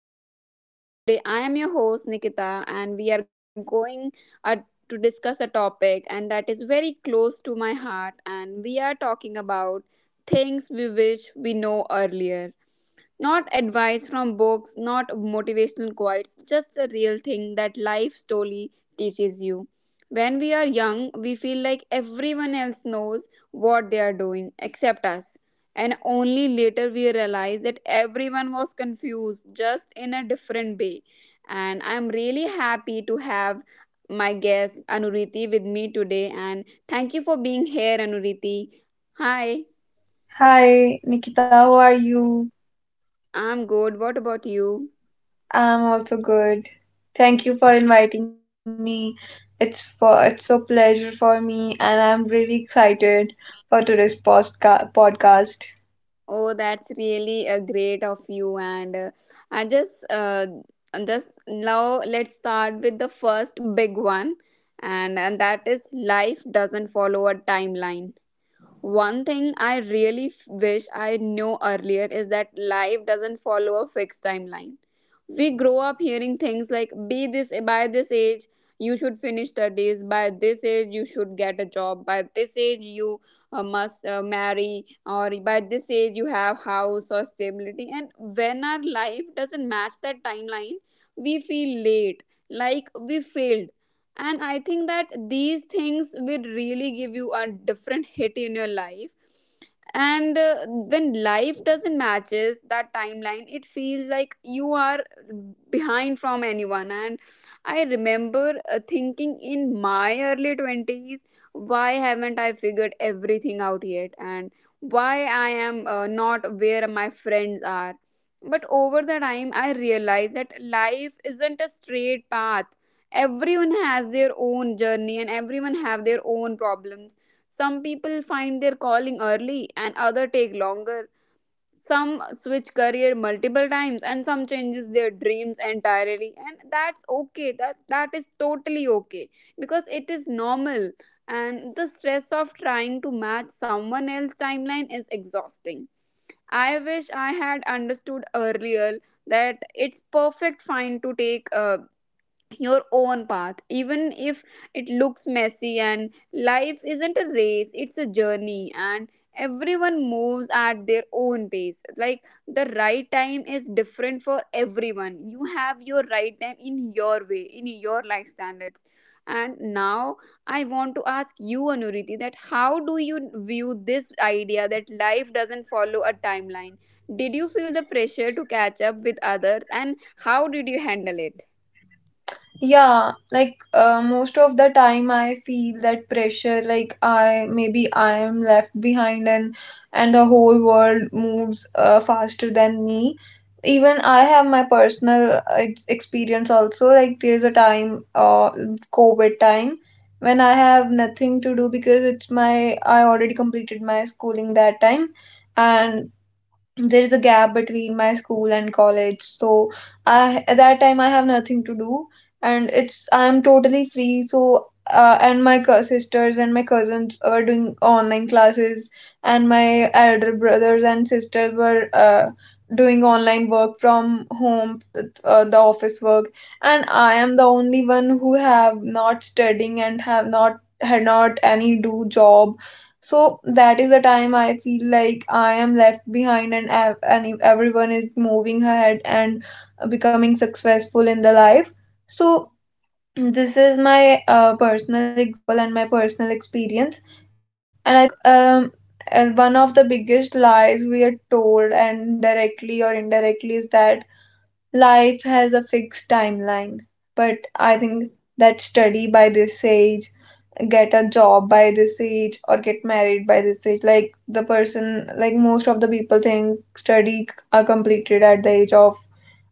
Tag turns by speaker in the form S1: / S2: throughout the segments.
S1: to the podcast. Today, I am your host Nikita, and we are going uh, to discuss a topic, and that is very close to my heart. And we are talking about things we wish we know earlier. Not advice from books, not motivational quotes, just a real thing that life slowly teaches you. When we are young, we feel like everyone else knows what they are doing except us. And only later we realize that everyone was confused, just in a different way. And I'm really happy to have my guest Anuriti with me today. And thank you for being here, Anuriti. Hi,
S2: Hi, Nikita, how are you?
S1: I'm good. What about you?
S2: I'm also good. Thank you for inviting me. It's so pleasure for me and I'm really excited for today's postca podcast.
S1: Oh, that's really great of you. And I just, uh, just now let's start with the first big one, and that is life doesn't follow a timeline. One thing I really wish I knew earlier is that life doesn't follow a fixed timeline. We grow up hearing things like be this by this age, you should finish studies by this age, you should get a job by this age, you must marry, or by this age you have house or stability. And when our life doesn't match that timeline, we feel late, like we failed. And I think that these things will really give you a different hit in your life. And when life doesn't matches that timeline, it feels like you are behind from anyone. And I remember thinking in my early 20s, why haven't I figured everything out yet, and why I am not where my friends are. But over the time I realized that life isn't a straight path. Everyone has their own journey and everyone have their own problems. Some people find their calling early and other take longer. Some switch career multiple times and some changes their dreams entirely, and that's okay, that is totally okay because it is normal. And the stress of trying to match someone else's timeline is exhausting. I wish I had understood earlier that it's perfect fine to take a your own path even if it looks messy. And life isn't a race, it's a journey, and everyone moves at their own pace. Like the right time is different for everyone, you have your right time in your way in your life standards. And now I want to ask you, Anuriti, that how do you view this idea that life doesn't follow a timeline? Did you feel the pressure to catch up with others, and how did you handle it?
S2: Yeah, like most of the time I feel that pressure, like I maybe I am left behind and the whole world moves faster than me. Even I have my personal experience also. Like there's a time, COVID time, when I have nothing to do because it's my I already completed my schooling that time, and there is a gap between my school and college. So I at that time I have nothing to do, and it's I'm totally free. So sisters and my cousins were doing online classes, and my elder brothers and sisters were doing online work from home, the office work. And I am the only one who have not studying and have not had not any do job. So that is the time I feel like I am left behind and if everyone is moving ahead and becoming successful in the life. So this is my personal example and my personal experience. And I think one of the biggest lies we are told and directly or indirectly is that life has a fixed timeline. But I think that study by this age, get a job by this age, or get married by this age, like the person, like most of the people think study are completed at the age of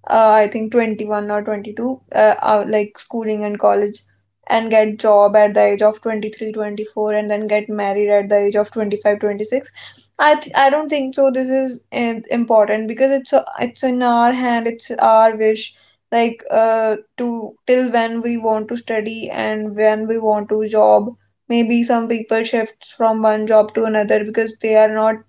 S2: I think 21 or 22, like schooling and college, and get job at the age of 23, 24, and then get married at the age of 25, 26. I don't think so this is important because it's in our hand, it's our wish, like to till when we want to study and when we want to job. Maybe some people shifts from one job to another because they are not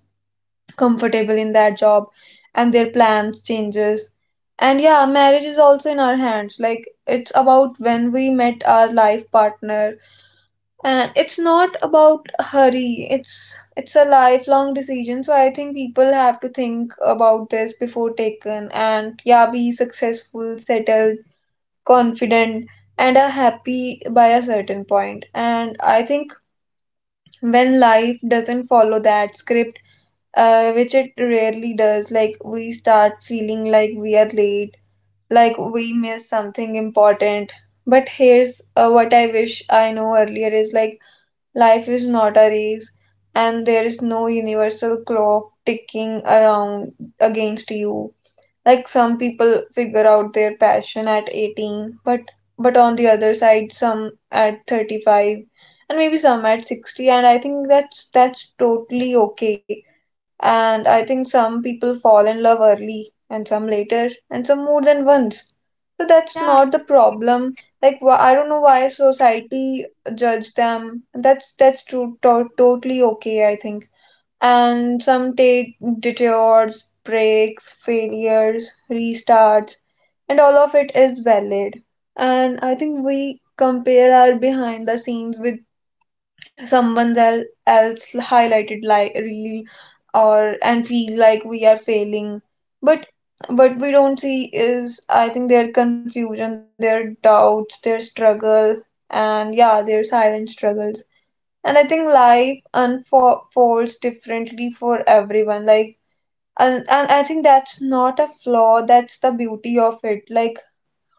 S2: comfortable in that job and their plans changes. And yeah, marriage is also in our hands. Like it's about when we met our life partner, and it's not about hurry. It's a lifelong decision, so I think people have to think about this before taken. And yeah, be successful, settled, confident, and are happy by a certain point. And I think when life doesn't follow that script, which it rarely does, like we start feeling like we are late, like we miss something important. But here's what I wish I know earlier is like life is not a race and there is no universal clock ticking around against you. Like some people figure out their passion at 18, but on the other side some at 35, and maybe some at 60. And I think that's totally okay. And I think some people fall in love early, and some later, and some more than once. So that's
S1: Yeah,
S2: not the problem. Like I don't know why society judge them. That's totally okay, I think. And some take detours, breaks, failures, restarts, and all of it is valid. And I think we compare our behind the scenes with else highlighted like reel or and feel like we are failing. But what we don't see is, I think, their confusion, their doubts, their struggle, and yeah, their silent struggles. And I think life unfolds differently for everyone. Like and I think that's not a flaw, that's the beauty of it. Like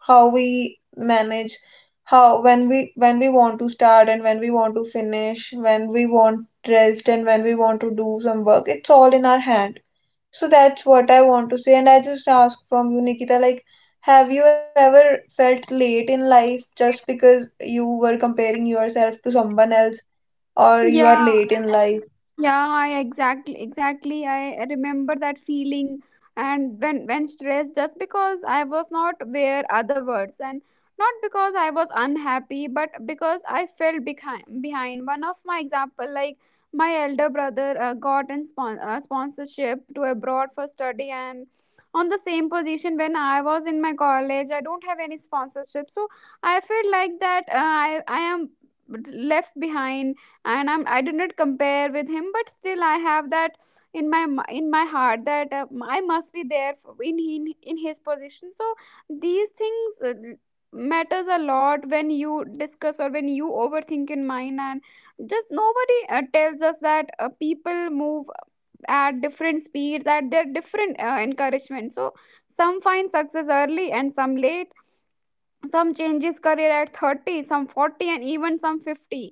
S2: how we manage, how when we want to start and when we want to finish, when we want rest and when we want to do some work, it's all in our hand. So that's what I want to say. And I just ask from you, Nikita, like have you ever felt late in life just because you were comparing yourself to someone else, or you are
S1: yeah
S2: late in life?
S1: yeah, I exactly I remember that feeling. And when stressed just because I was not where other words, and not because I was unhappy but because I felt behind. One of my example, like my elder brother got a sponsorship to abroad for study, and on the same position when I was in my college, I don't have any sponsorship. So I feel like that I am left behind. And I do not compare with him, but still I
S2: Yeah,
S1: have that in my in my heart that I must be there in in his position. So these things matters a lot when you discuss or when you overthink in mind. And just nobody tells us that people move at different speeds at their different encouragement. So some find success early and some late, some changes career at 30, some 40, and even some 50.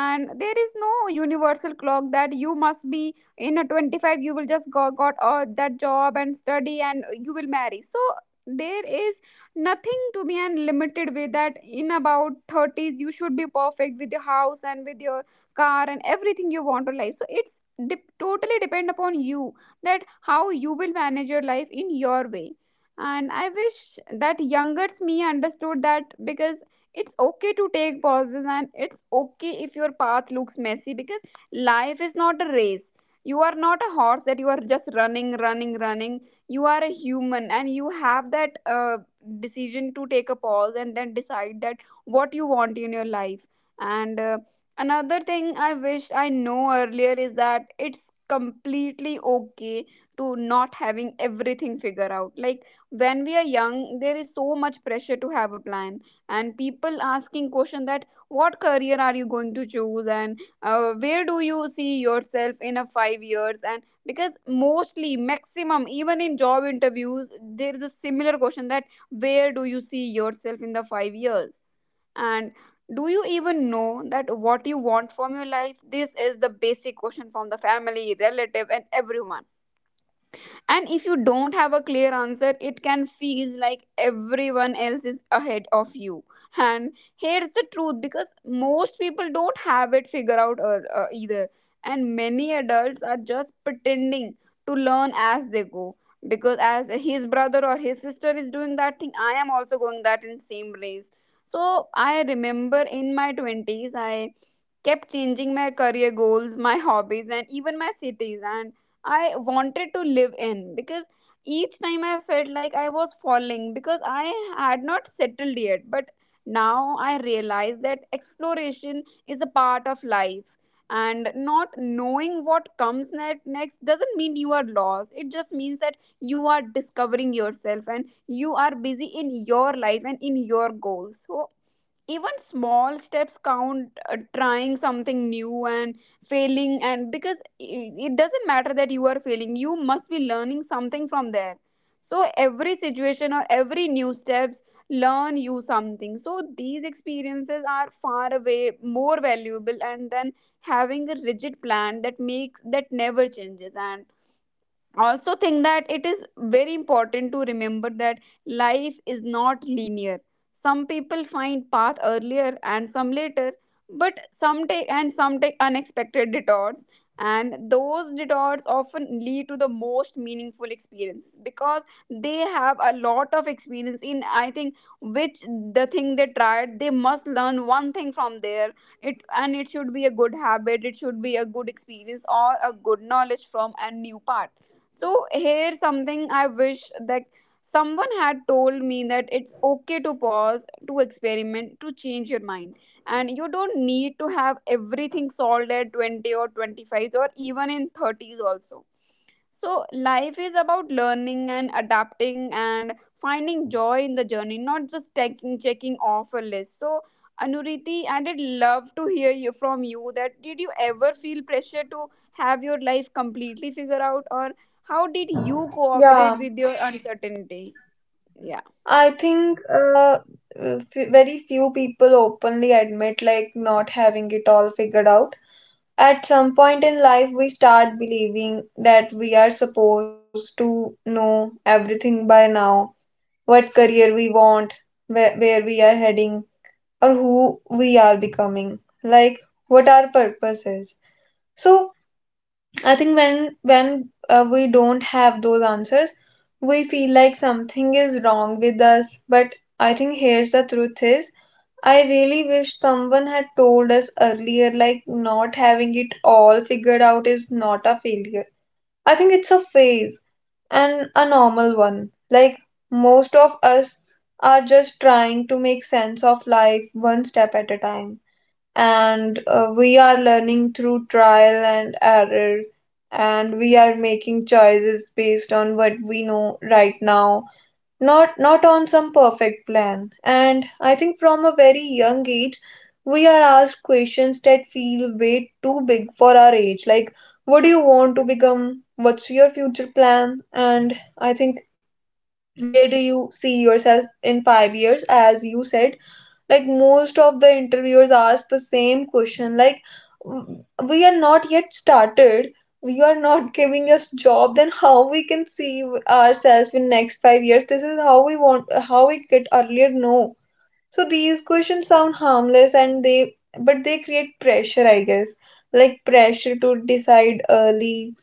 S1: And there is no universal clock that you must be in a 25, you will just go, got that job and study and you will marry. So there is nothing to be unlimited with that in about 30s you should be perfect with your house and with your car and everything you want to life. So it's dep totally depend upon you that how you will manage your life in your way. And I wish that younger me understood that, because it's okay to take pauses and it's okay if your path looks messy, because life is not a race. You are not a horse that you are just running, running, running. You are a human and you have that decision to take a pause and then decide that what you want in your life. And another thing I wish I know earlier is that it's completely okay to not having everything figured out. Like when we are young, there is so much pressure to have a plan, and people asking question that what career are you going to choose, and where do you see yourself in a 5 years? And because mostly maximum even in job interviews there is a similar question that where do you see yourself in the 5 years? And do you even know that what you want from your life? This is the basic question from the family relative and everyone. And if you don't have a clear answer, it can feel like everyone else is ahead of you. And here's the truth, because most people don't have it figured out or, either, and many adults are just pretending to learn as they go, because as his brother or his sister is doing that thing, I am also going that in same race. So I remember in my 20s, I kept changing my career goals, my hobbies, and even my cities. And I wanted to live in, because each time I felt like I was falling because I had not settled yet. But now I realize that exploration is a part of life. And not knowing what comes next doesn't mean you are lost. It just means that you are discovering yourself and you are busy in your life and in your goals. So even small steps count, trying something new and failing. And because it doesn't matter that you are failing, you must be learning something from there. So every situation or every new steps learn you something. So these experiences are far away more valuable and then having a rigid plan that makes that never changes. And also think that it is very important to remember that life is not linear. Some people find path earlier and some later, but some take unexpected detours, and those detours often lead to the most meaningful experience, because they have a lot of experience in, I think, which the thing they tried, they must learn one thing from there. It, and it should be a good habit, it should be a good experience or a good knowledge from a new part. So here, something I wish that someone had told me that it's okay to pause, to experiment, to change your mind. And you don't need to have everything solved at 20 or 25 or even in 30s also. So life is about learning and adapting and finding joy in the journey, not just taking checking off a list. So Anuriti, I did love to hear you from you that did you ever feel pressure to have your life completely figured out, or how did you
S2: yeah.
S1: cooperate with your uncertainty? Yeah.
S2: I think very few people openly admit like not having it all figured out. At some point in life, we start believing that we are supposed to know everything by now, what career we want, where we are heading, or who we are becoming, like what our purpose is. So, I think when we don't have those answers, we feel like something is wrong with us. But I think here's the truth is I really wish someone had told us earlier like not having it all figured out is not a failure. I think it's a phase and a normal one. Like most of us are just trying to make sense of life one step at a time, and we are learning through trial and error, and we are making choices based on what we know right now, not on some perfect plan. And I think from a very young age we are asked questions that feel way too big for our age, like what do you want to become, what's your future plan, and I think where do you see yourself in 5 years, as you said. Like most of the interviewers ask the same question like, "W- we are not yet started, you are not giving us job, then how we can see ourselves in next 5 years?" This is how we want, how we get earlier, no. So these questions sound harmless and they, but they create pressure, I guess. Like pressure to decide early,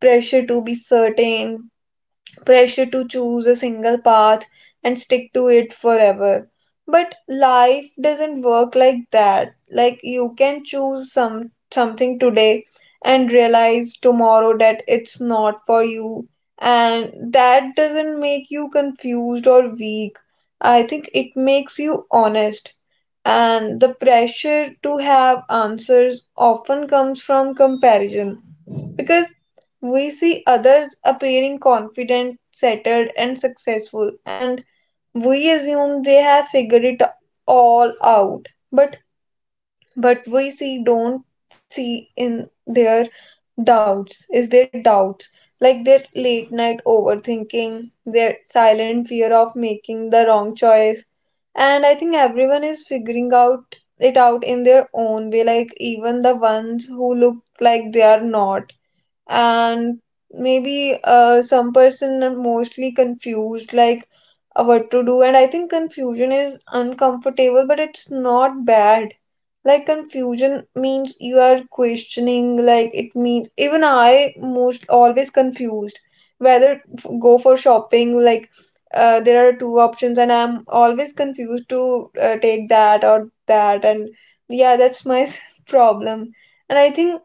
S2: pressure to be certain, pressure to choose a single path and stick to it forever. But life doesn't work like that. Like you can choose some something today and realize tomorrow that it's not for you, and that doesn't make you confused or weak. I think it makes you honest. And the pressure to have answers often comes from comparison, because we see others appearing confident, settled, and successful, and we assume they have figured it all out. But we see don't see in their doubts is their doubts, like their late night overthinking, their silent fear of making the wrong choice. And I think everyone is figuring out it out in their own way, like even the ones who look like they are not. And maybe some person are mostly confused, like what to do. And I think confusion is uncomfortable, but it's not bad. Like confusion means you are questioning, like it means even I most always confused whether go for shopping. Like there are two options and I'm always confused to take that or that. And yeah, that's my problem. And I think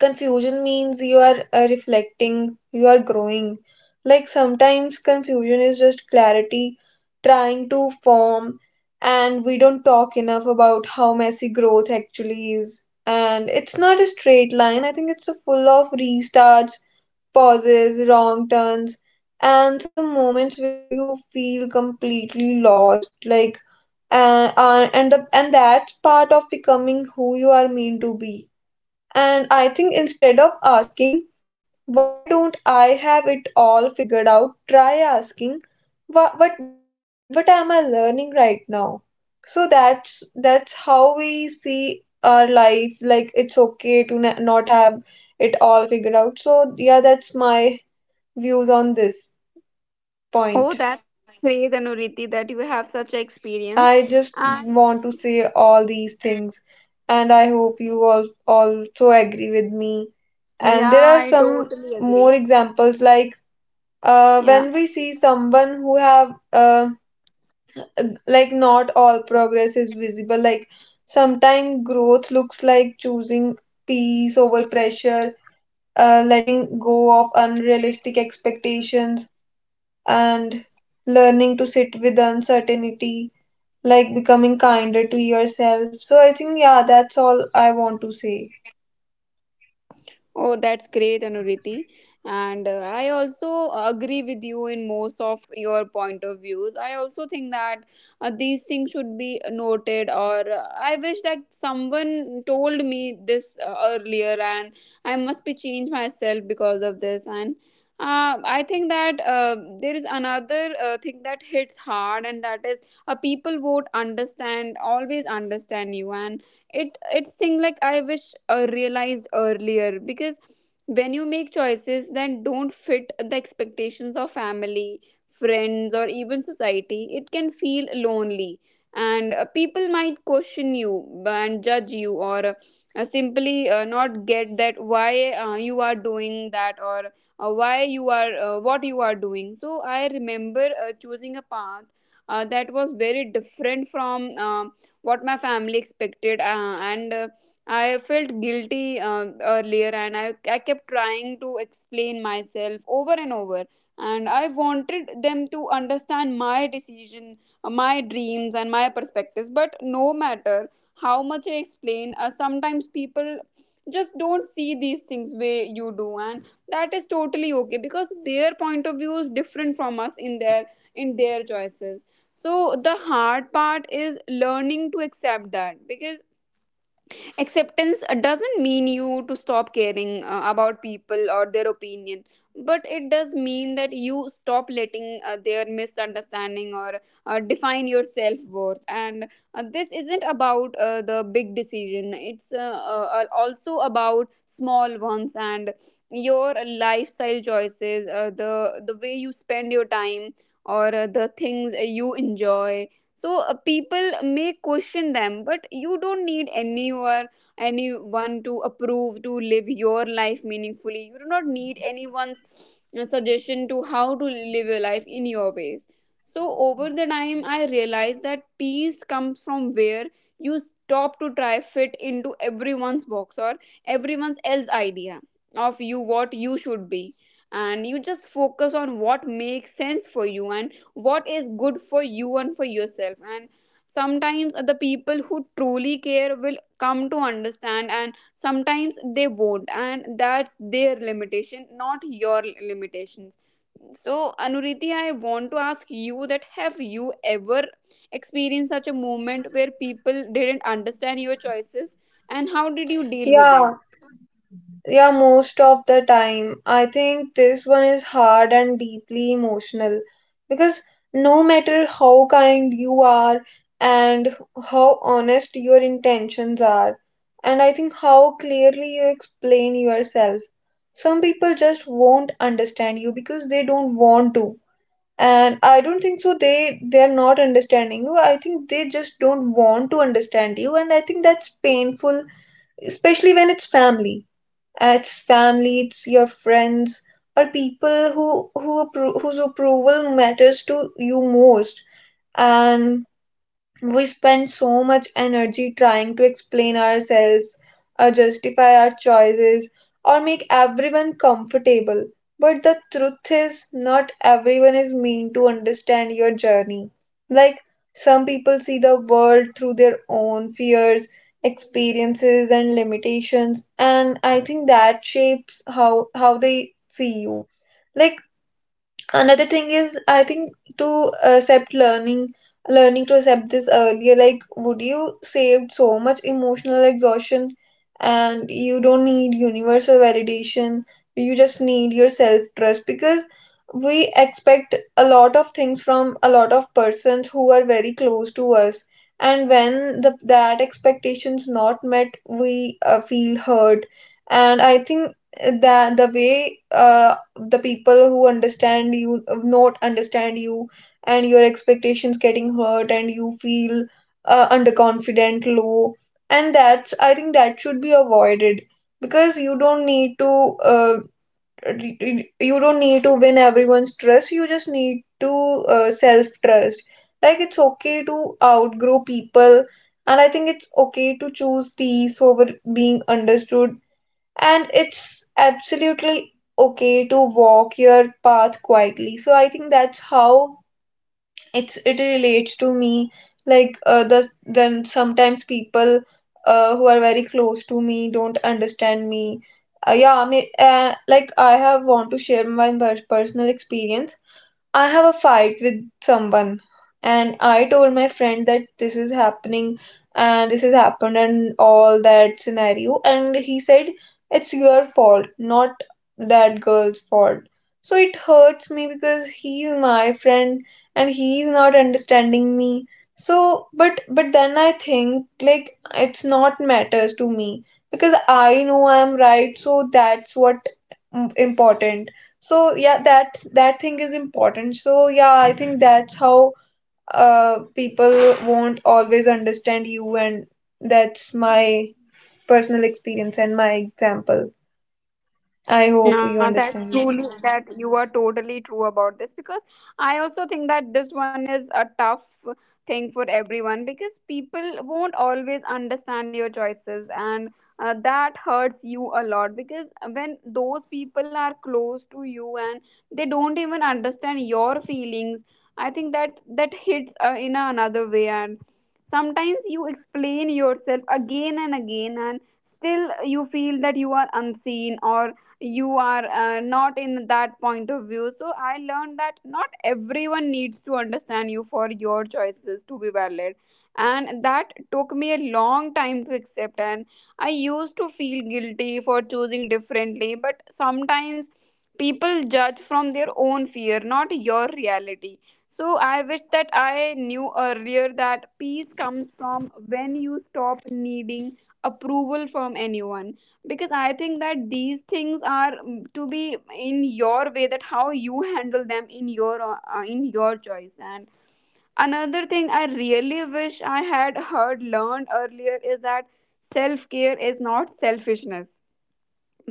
S2: confusion means you are reflecting, you are growing. Like sometimes confusion is just clarity trying to form, and we don't talk enough about how messy growth actually is. And it's not a straight line, I think it's a full of restarts, pauses, wrong turns, and some moments where you feel completely lost. Like and that's part of becoming who you are meant to be. And I think instead of asking, why don't I have it all figured out, try asking, what am I learning right now? So that's how we see our life. Like it's okay to not have it all figured out. So yeah, that's my views on this point.
S1: Oh, that's great, Anuriti, that you have such an experience.
S2: I just
S1: And
S2: want to say all these things, and I hope you all also agree with me. And there
S1: yeah,
S2: are
S1: I
S2: some
S1: totally
S2: more
S1: agree.
S2: examples, like
S1: Yeah.
S2: when we see someone who have like not all progress is visible. Like sometimes growth looks like choosing peace over pressure, letting go of unrealistic expectations, and learning to sit with uncertainty, like becoming kinder to yourself. So I think, yeah, that's all I want to say.
S1: Oh, that's great, Anuriti. And I also agree with you in most of your point of views. I also think that these things should be noted, or I wish that someone told me this earlier, and I must be changed myself because of this. And I think that there is another thing that hits hard, and that is people won't understand, always understand you, and it's thing like I wish I realized earlier, because when you make choices that don't fit the expectations of family, friends, or even society, it can feel lonely. And people might question you and judge you, or simply not get that why you are doing that, or why you are what you are doing. So I remember choosing a path that was very different from what my family expected, and I felt guilty earlier, and I kept trying to explain myself over and over, and I wanted them to understand my decision, my dreams, and my perspectives. But no matter how much I explain, sometimes people just don't see these things way you do, and that is totally okay, because their point of view is different from us in their, in their choices. So the hard part is learning to accept that, because acceptance doesn't mean you to stop caring about people or their opinion, but it does mean that you stop letting their misunderstanding or define your self-worth. And this isn't about the big decision, it's also about small ones, and your lifestyle choices, the way you spend your time, or the things you enjoy. So people may question them, but you don't need anyone to approve to live your life meaningfully. You do not need anyone's suggestion to how to live your life in your ways. So over the time, I realized that peace comes from where you stop to try fit into everyone's box, or everyone's else idea of you what you should be, and you just focus on what makes sense for you, and what is good for you and for yourself. And sometimes the people who truly care will come to understand, and sometimes they won't, and that's their limitation, not your limitations. So Anuriti, I want to ask you that have you ever experienced such a moment where people didn't understand your choices, and how did you deal with it?
S2: Yeah. Yeah, most of the time. I think this one is hard and deeply emotional, because no matter how kind you are and how honest your intentions are, and I think how clearly you explain yourself, some people just won't understand you because they don't want to. And I don't think so they they're not understanding you. I think they just don't want to understand you. And I think that's painful, especially when it's family. It's family, it's your friends, or people who whose approval matters to you most. And we spend so much energy trying to explain ourselves, or justify our choices, or make everyone comfortable. But the truth is, not everyone is meant to understand your journey. Like, some people see the world through their own fears, experiences, and limitations, and I think that shapes how they see you. Like, another thing is I think to accept learning to accept this earlier, like would you saved so much emotional exhaustion. And you don't need universal validation, you just need your self trust. Because we expect a lot of things from a lot of persons who are very close to us, and when that expectations not met, we feel hurt. And I think that the way the people who understand you not understand you, and your expectations getting hurt and you feel underconfident, low. And that's, I think, that should be avoided, because you don't need to you don't need to win everyone's trust, you just need to, self trust. Like, it's okay to outgrow people, and I think it's okay to choose peace over being understood, and it's absolutely okay to walk your path quietly. So I think that's how it relates to me. Like, then sometimes people who are very close to me don't understand me. Yeah, I mean, like, I have want to share my personal experience. I have a fight with someone, and I told my friend that this is happening and this has happened and all that scenario, and he said it's your fault, not that girl's fault. So it hurts me because he's my friend and he's not understanding me. So but then I think, like, it's not matters to me because I know I'm right. So that's what, important. So yeah, that thing is important. So yeah, I think that's how, uh, people won't always understand you, and that's my personal experience and my example. I hope you
S1: Now that's
S2: understand it.
S1: truly that you are totally true about this, because I also think that this one is a tough thing for everyone, because people won't always understand your choices, and that hurts you a lot, because when those people are close to you and they don't even understand your feelings, I think that that hits in another way. And sometimes you explain yourself again and again, and still you feel that you are unseen, or you are not in that point of view. So I learned that not everyone needs to understand you for your choices to be valid, and that took me a long time to accept. And I used to feel guilty for choosing differently, but sometimes people judge from their own fear, not your reality. So I wish that I knew earlier that peace comes from when you stop needing approval from anyone, because I think that these things are to be in your way that how you handle them in your choice. And another thing I really wish I had heard learned earlier is that self care is not selfishness.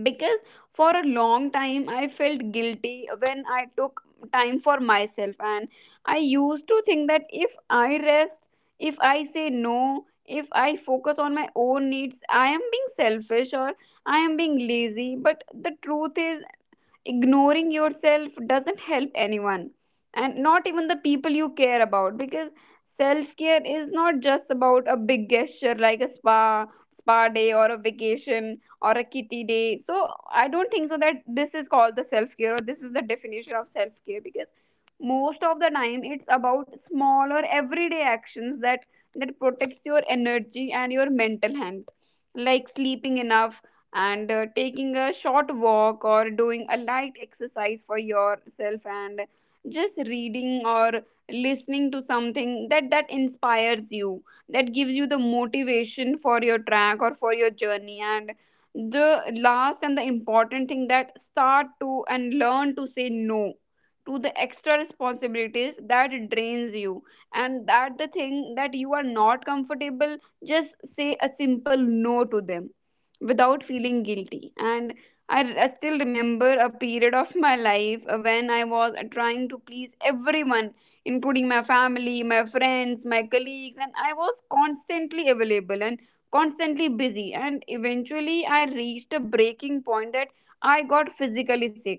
S1: Because for a long time, I felt guilty when I took time for myself, and I used to think that if I rest, if I say no, if I focus on my own needs, I am being selfish, or I am being lazy. But the truth is, ignoring yourself doesn't help anyone, and not even the people you care about, because self care is not just about a big gesture like a spa day, or a vacation, or a kitty day. So I don't think so that this is called the self care, or this is the definition of self care. Because most of the time, it's about small or everyday actions that that protects your energy and your mental health. Like sleeping enough, and taking a short walk, or doing a light exercise for yourself, and just reading, or listening to something that that inspires you, that gives you the motivation for your track or for your journey. And the last and the important thing, that start to and learn to say no to the extra responsibilities that drains you, and that the thing that you are not comfortable, just say a simple no to them without feeling guilty. And I still remember a period of my life when I was trying to please everyone, including my family, my friends, my colleagues, and I was constantly available and constantly busy. And eventually, I reached a breaking point that I got physically sick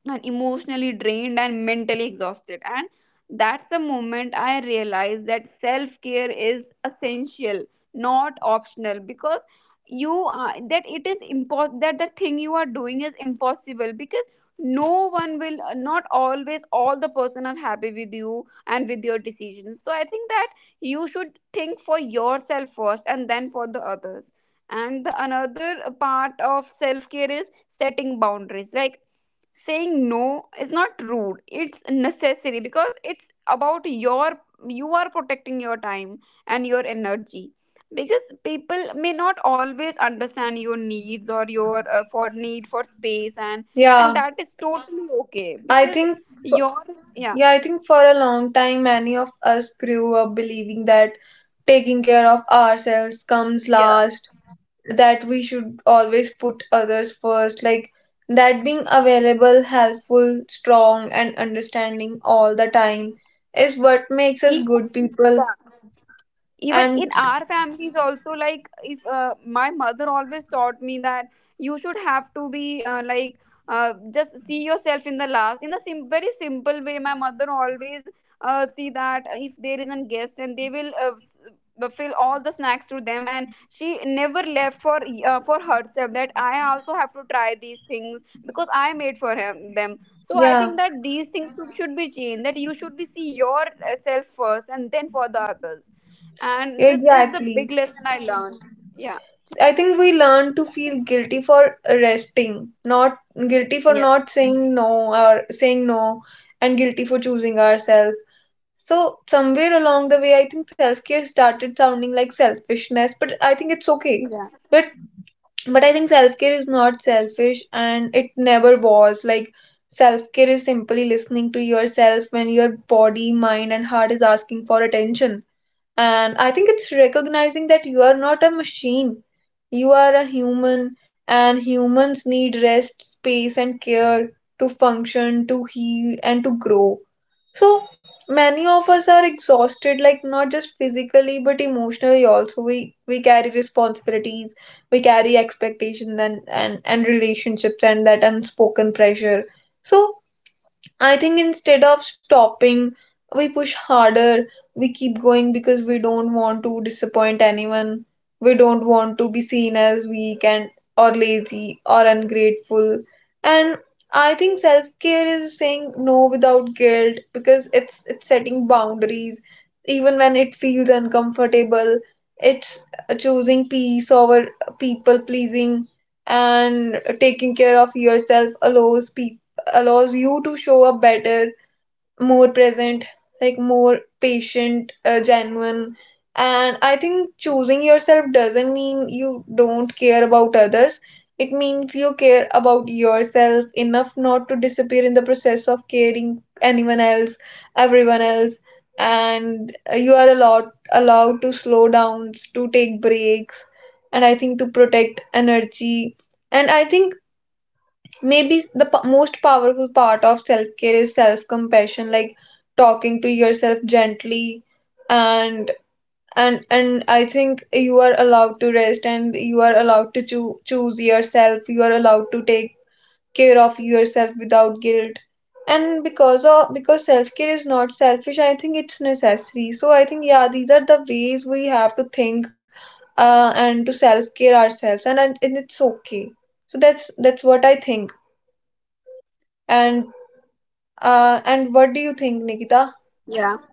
S1: and emotionally drained and mentally exhausted. And that's the moment I realized that self care is essential, not optional. Because you are that it is impos that the thing you are doing is impossible, because no one will not always all the person are happy with you and with your decisions. So I think that you should think for yourself first and then for the others. And the another part of self care is setting boundaries. Like saying no is not rude, it's necessary, because it's about your, you are protecting your time and your energy. Because people may not always understand your needs, or your for need for space. And
S2: Yeah,
S1: that is totally okay,
S2: I
S1: because
S2: think f-
S1: your, yeah.
S2: yeah, I think for a long time many of us grew up believing that taking care of ourselves comes
S1: Yeah,
S2: last, that we should always put others first. Like, that being available, helpful, strong, and understanding all the time is what makes us
S1: even yeah.
S2: good people.
S1: Even in
S2: And
S1: our families also, like if my mother always taught me that you should have to be like just see yourself in the last. In a very simple way, my mother always see that if there is a guest, and they will fill all the snacks to them, and she never left for herself, that I also have to try these things, because I made for him, them. So I
S2: yeah,
S1: think that these things should be changed, that you should be see yourself first and then for the others. And this is the
S2: exactly,
S1: big lesson I learned. Yeah.
S2: I think we learn to feel guilty for resting, not guilty for
S1: Yeah.
S2: not saying no or saying no, and guilty for choosing ourselves. So somewhere along the way, I think self-care started sounding like selfishness, but I think it's okay.
S1: Yeah.
S2: But I think self care is not selfish, and it never was. Like, self care is simply listening to yourself when your body, mind, and heart is asking for attention. And I think it's recognizing that you are not a machine, you are a human, and humans need rest, space, and care to function, to heal, and to grow. So many of us are exhausted, like, not just physically but emotionally also. We carry responsibilities, we carry expectations and relationships and that unspoken pressure. So I think instead of stopping, we push harder, we keep going because we don't want to disappoint anyone. We don't want to be seen as weak and or lazy or ungrateful. And I think self-care is saying no without guilt, because it's setting boundaries even when it feels uncomfortable. It's choosing peace over people pleasing. And taking care of yourself allows people, allows you to show up better, more present, like more patient, genuine. And I think choosing yourself doesn't mean you don't care about others. It means you care about yourself enough not to disappear in the process of caring anyone else, everyone else. And you are allowed to slow down, to take breaks, and I think to protect energy. And I think maybe the most powerful part of self care is self compassion. Like, talking to yourself gently, and and I think you are allowed to rest, and you are allowed to choose yourself. You are allowed to take care of yourself without guilt. And because of because self care is not selfish, I think it's necessary. So I think, yeah, these are the ways we have to think, and to self care ourselves, and it's okay. So that's what I think. And and what do you think, Nikita?
S1: Yeah,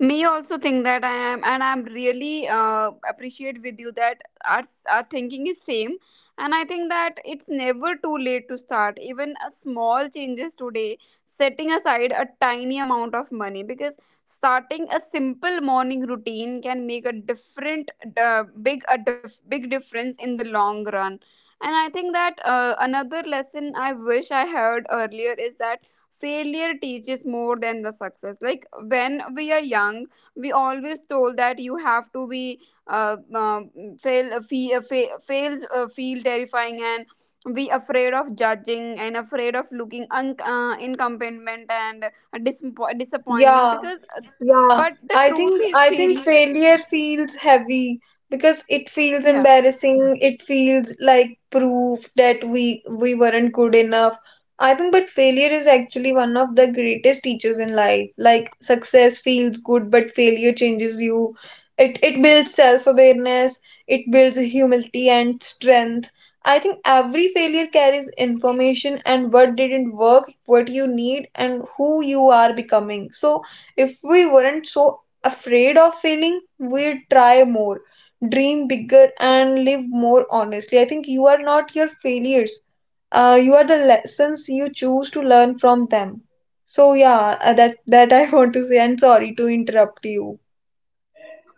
S1: me also think that I am, and I'm really appreciate with you that our thinking is same. And I think that it's never too late to start even a small changes today, setting aside a tiny amount of money. Because starting a simple morning routine can make a different, big a big difference in the long run. And I think that another lesson I wish I heard earlier is that failure teaches more than the success. Like when we are young, we always told that you have to be uh, um, fail fails feel terrifying, and be afraid of judging, and afraid of looking incompetence and disappointment,
S2: Yeah,
S1: because
S2: Yeah,
S1: but the
S2: I
S1: truth
S2: think,
S1: is failure,
S2: failure feels heavy because it feels
S1: yeah.
S2: embarrassing. It feels like proof that we weren't good enough. I think but failure is actually one of the greatest teachers in life. Like, success feels good, but failure changes you. It builds self-awareness, it builds humility and strength. I think every failure carries information and what didn't work, what you need, and who you are becoming. So if we weren't so afraid of failing, we'd try more, dream bigger, and live more honestly. I think you are not your failures, you are the lessons you choose to learn from them. So yeah, that I want to say. And sorry to interrupt you.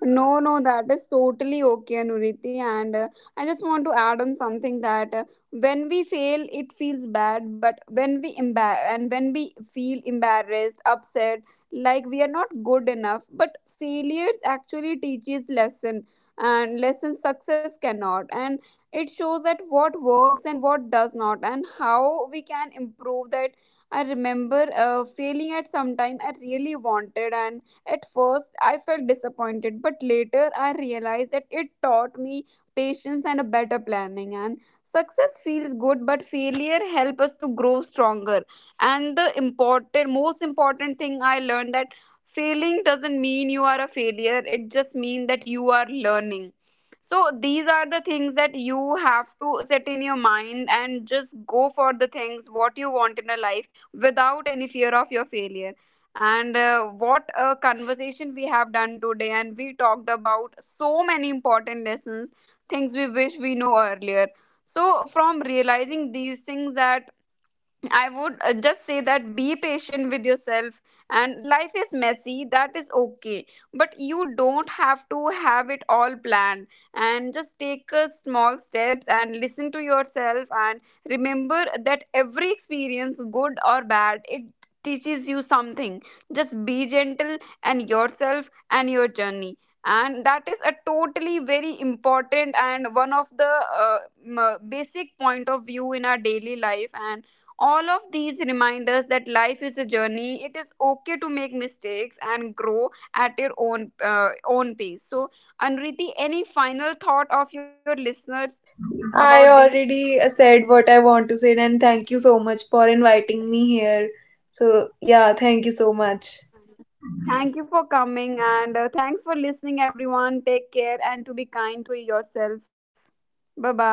S1: No, no, that is totally okay, Anuriti. And I just want to add on something that when we fail, it feels bad, but when we embar and when we feel embarrassed, upset, like we are not good enough, but failures actually teaches lesson and lesson success cannot. And it shows that what works and what does not, and how we can improve that. I remember failing at some time I really wanted. And at first, I felt disappointed, but later I realized that it taught me patience and a better planning. And success feels good, but failure helps us to grow stronger. And the important, most important thing I learned that failing doesn't mean you are a failure. It just means that you are learning. So these are the things that you have to set in your mind, and just go for the things what you want in a life without any fear of your failure. And what a conversation we have done today, and we talked about so many important lessons, things we wish we knew earlier. So from realizing these things, that I would just say that be patient with yourself, and life is messy, that is okay, but you don't have to have it all planned. And just take small steps and listen to yourself, and remember that every experience, good or bad, it teaches you something. Just be gentle, and yourself and your journey. And that is a totally very important and one of the basic point of view in our daily life. And all of these reminders that life is a journey, it is okay to make mistakes and grow at your own own pace. So Anriti, any final thought of your listeners about
S2: I
S1: these?
S2: already said what I want to say, and thank you so much for inviting me here. So yeah, thank you so much.
S1: Thank you for coming, and thanks for listening, everyone. Take care and to be kind to yourself. Bye bye.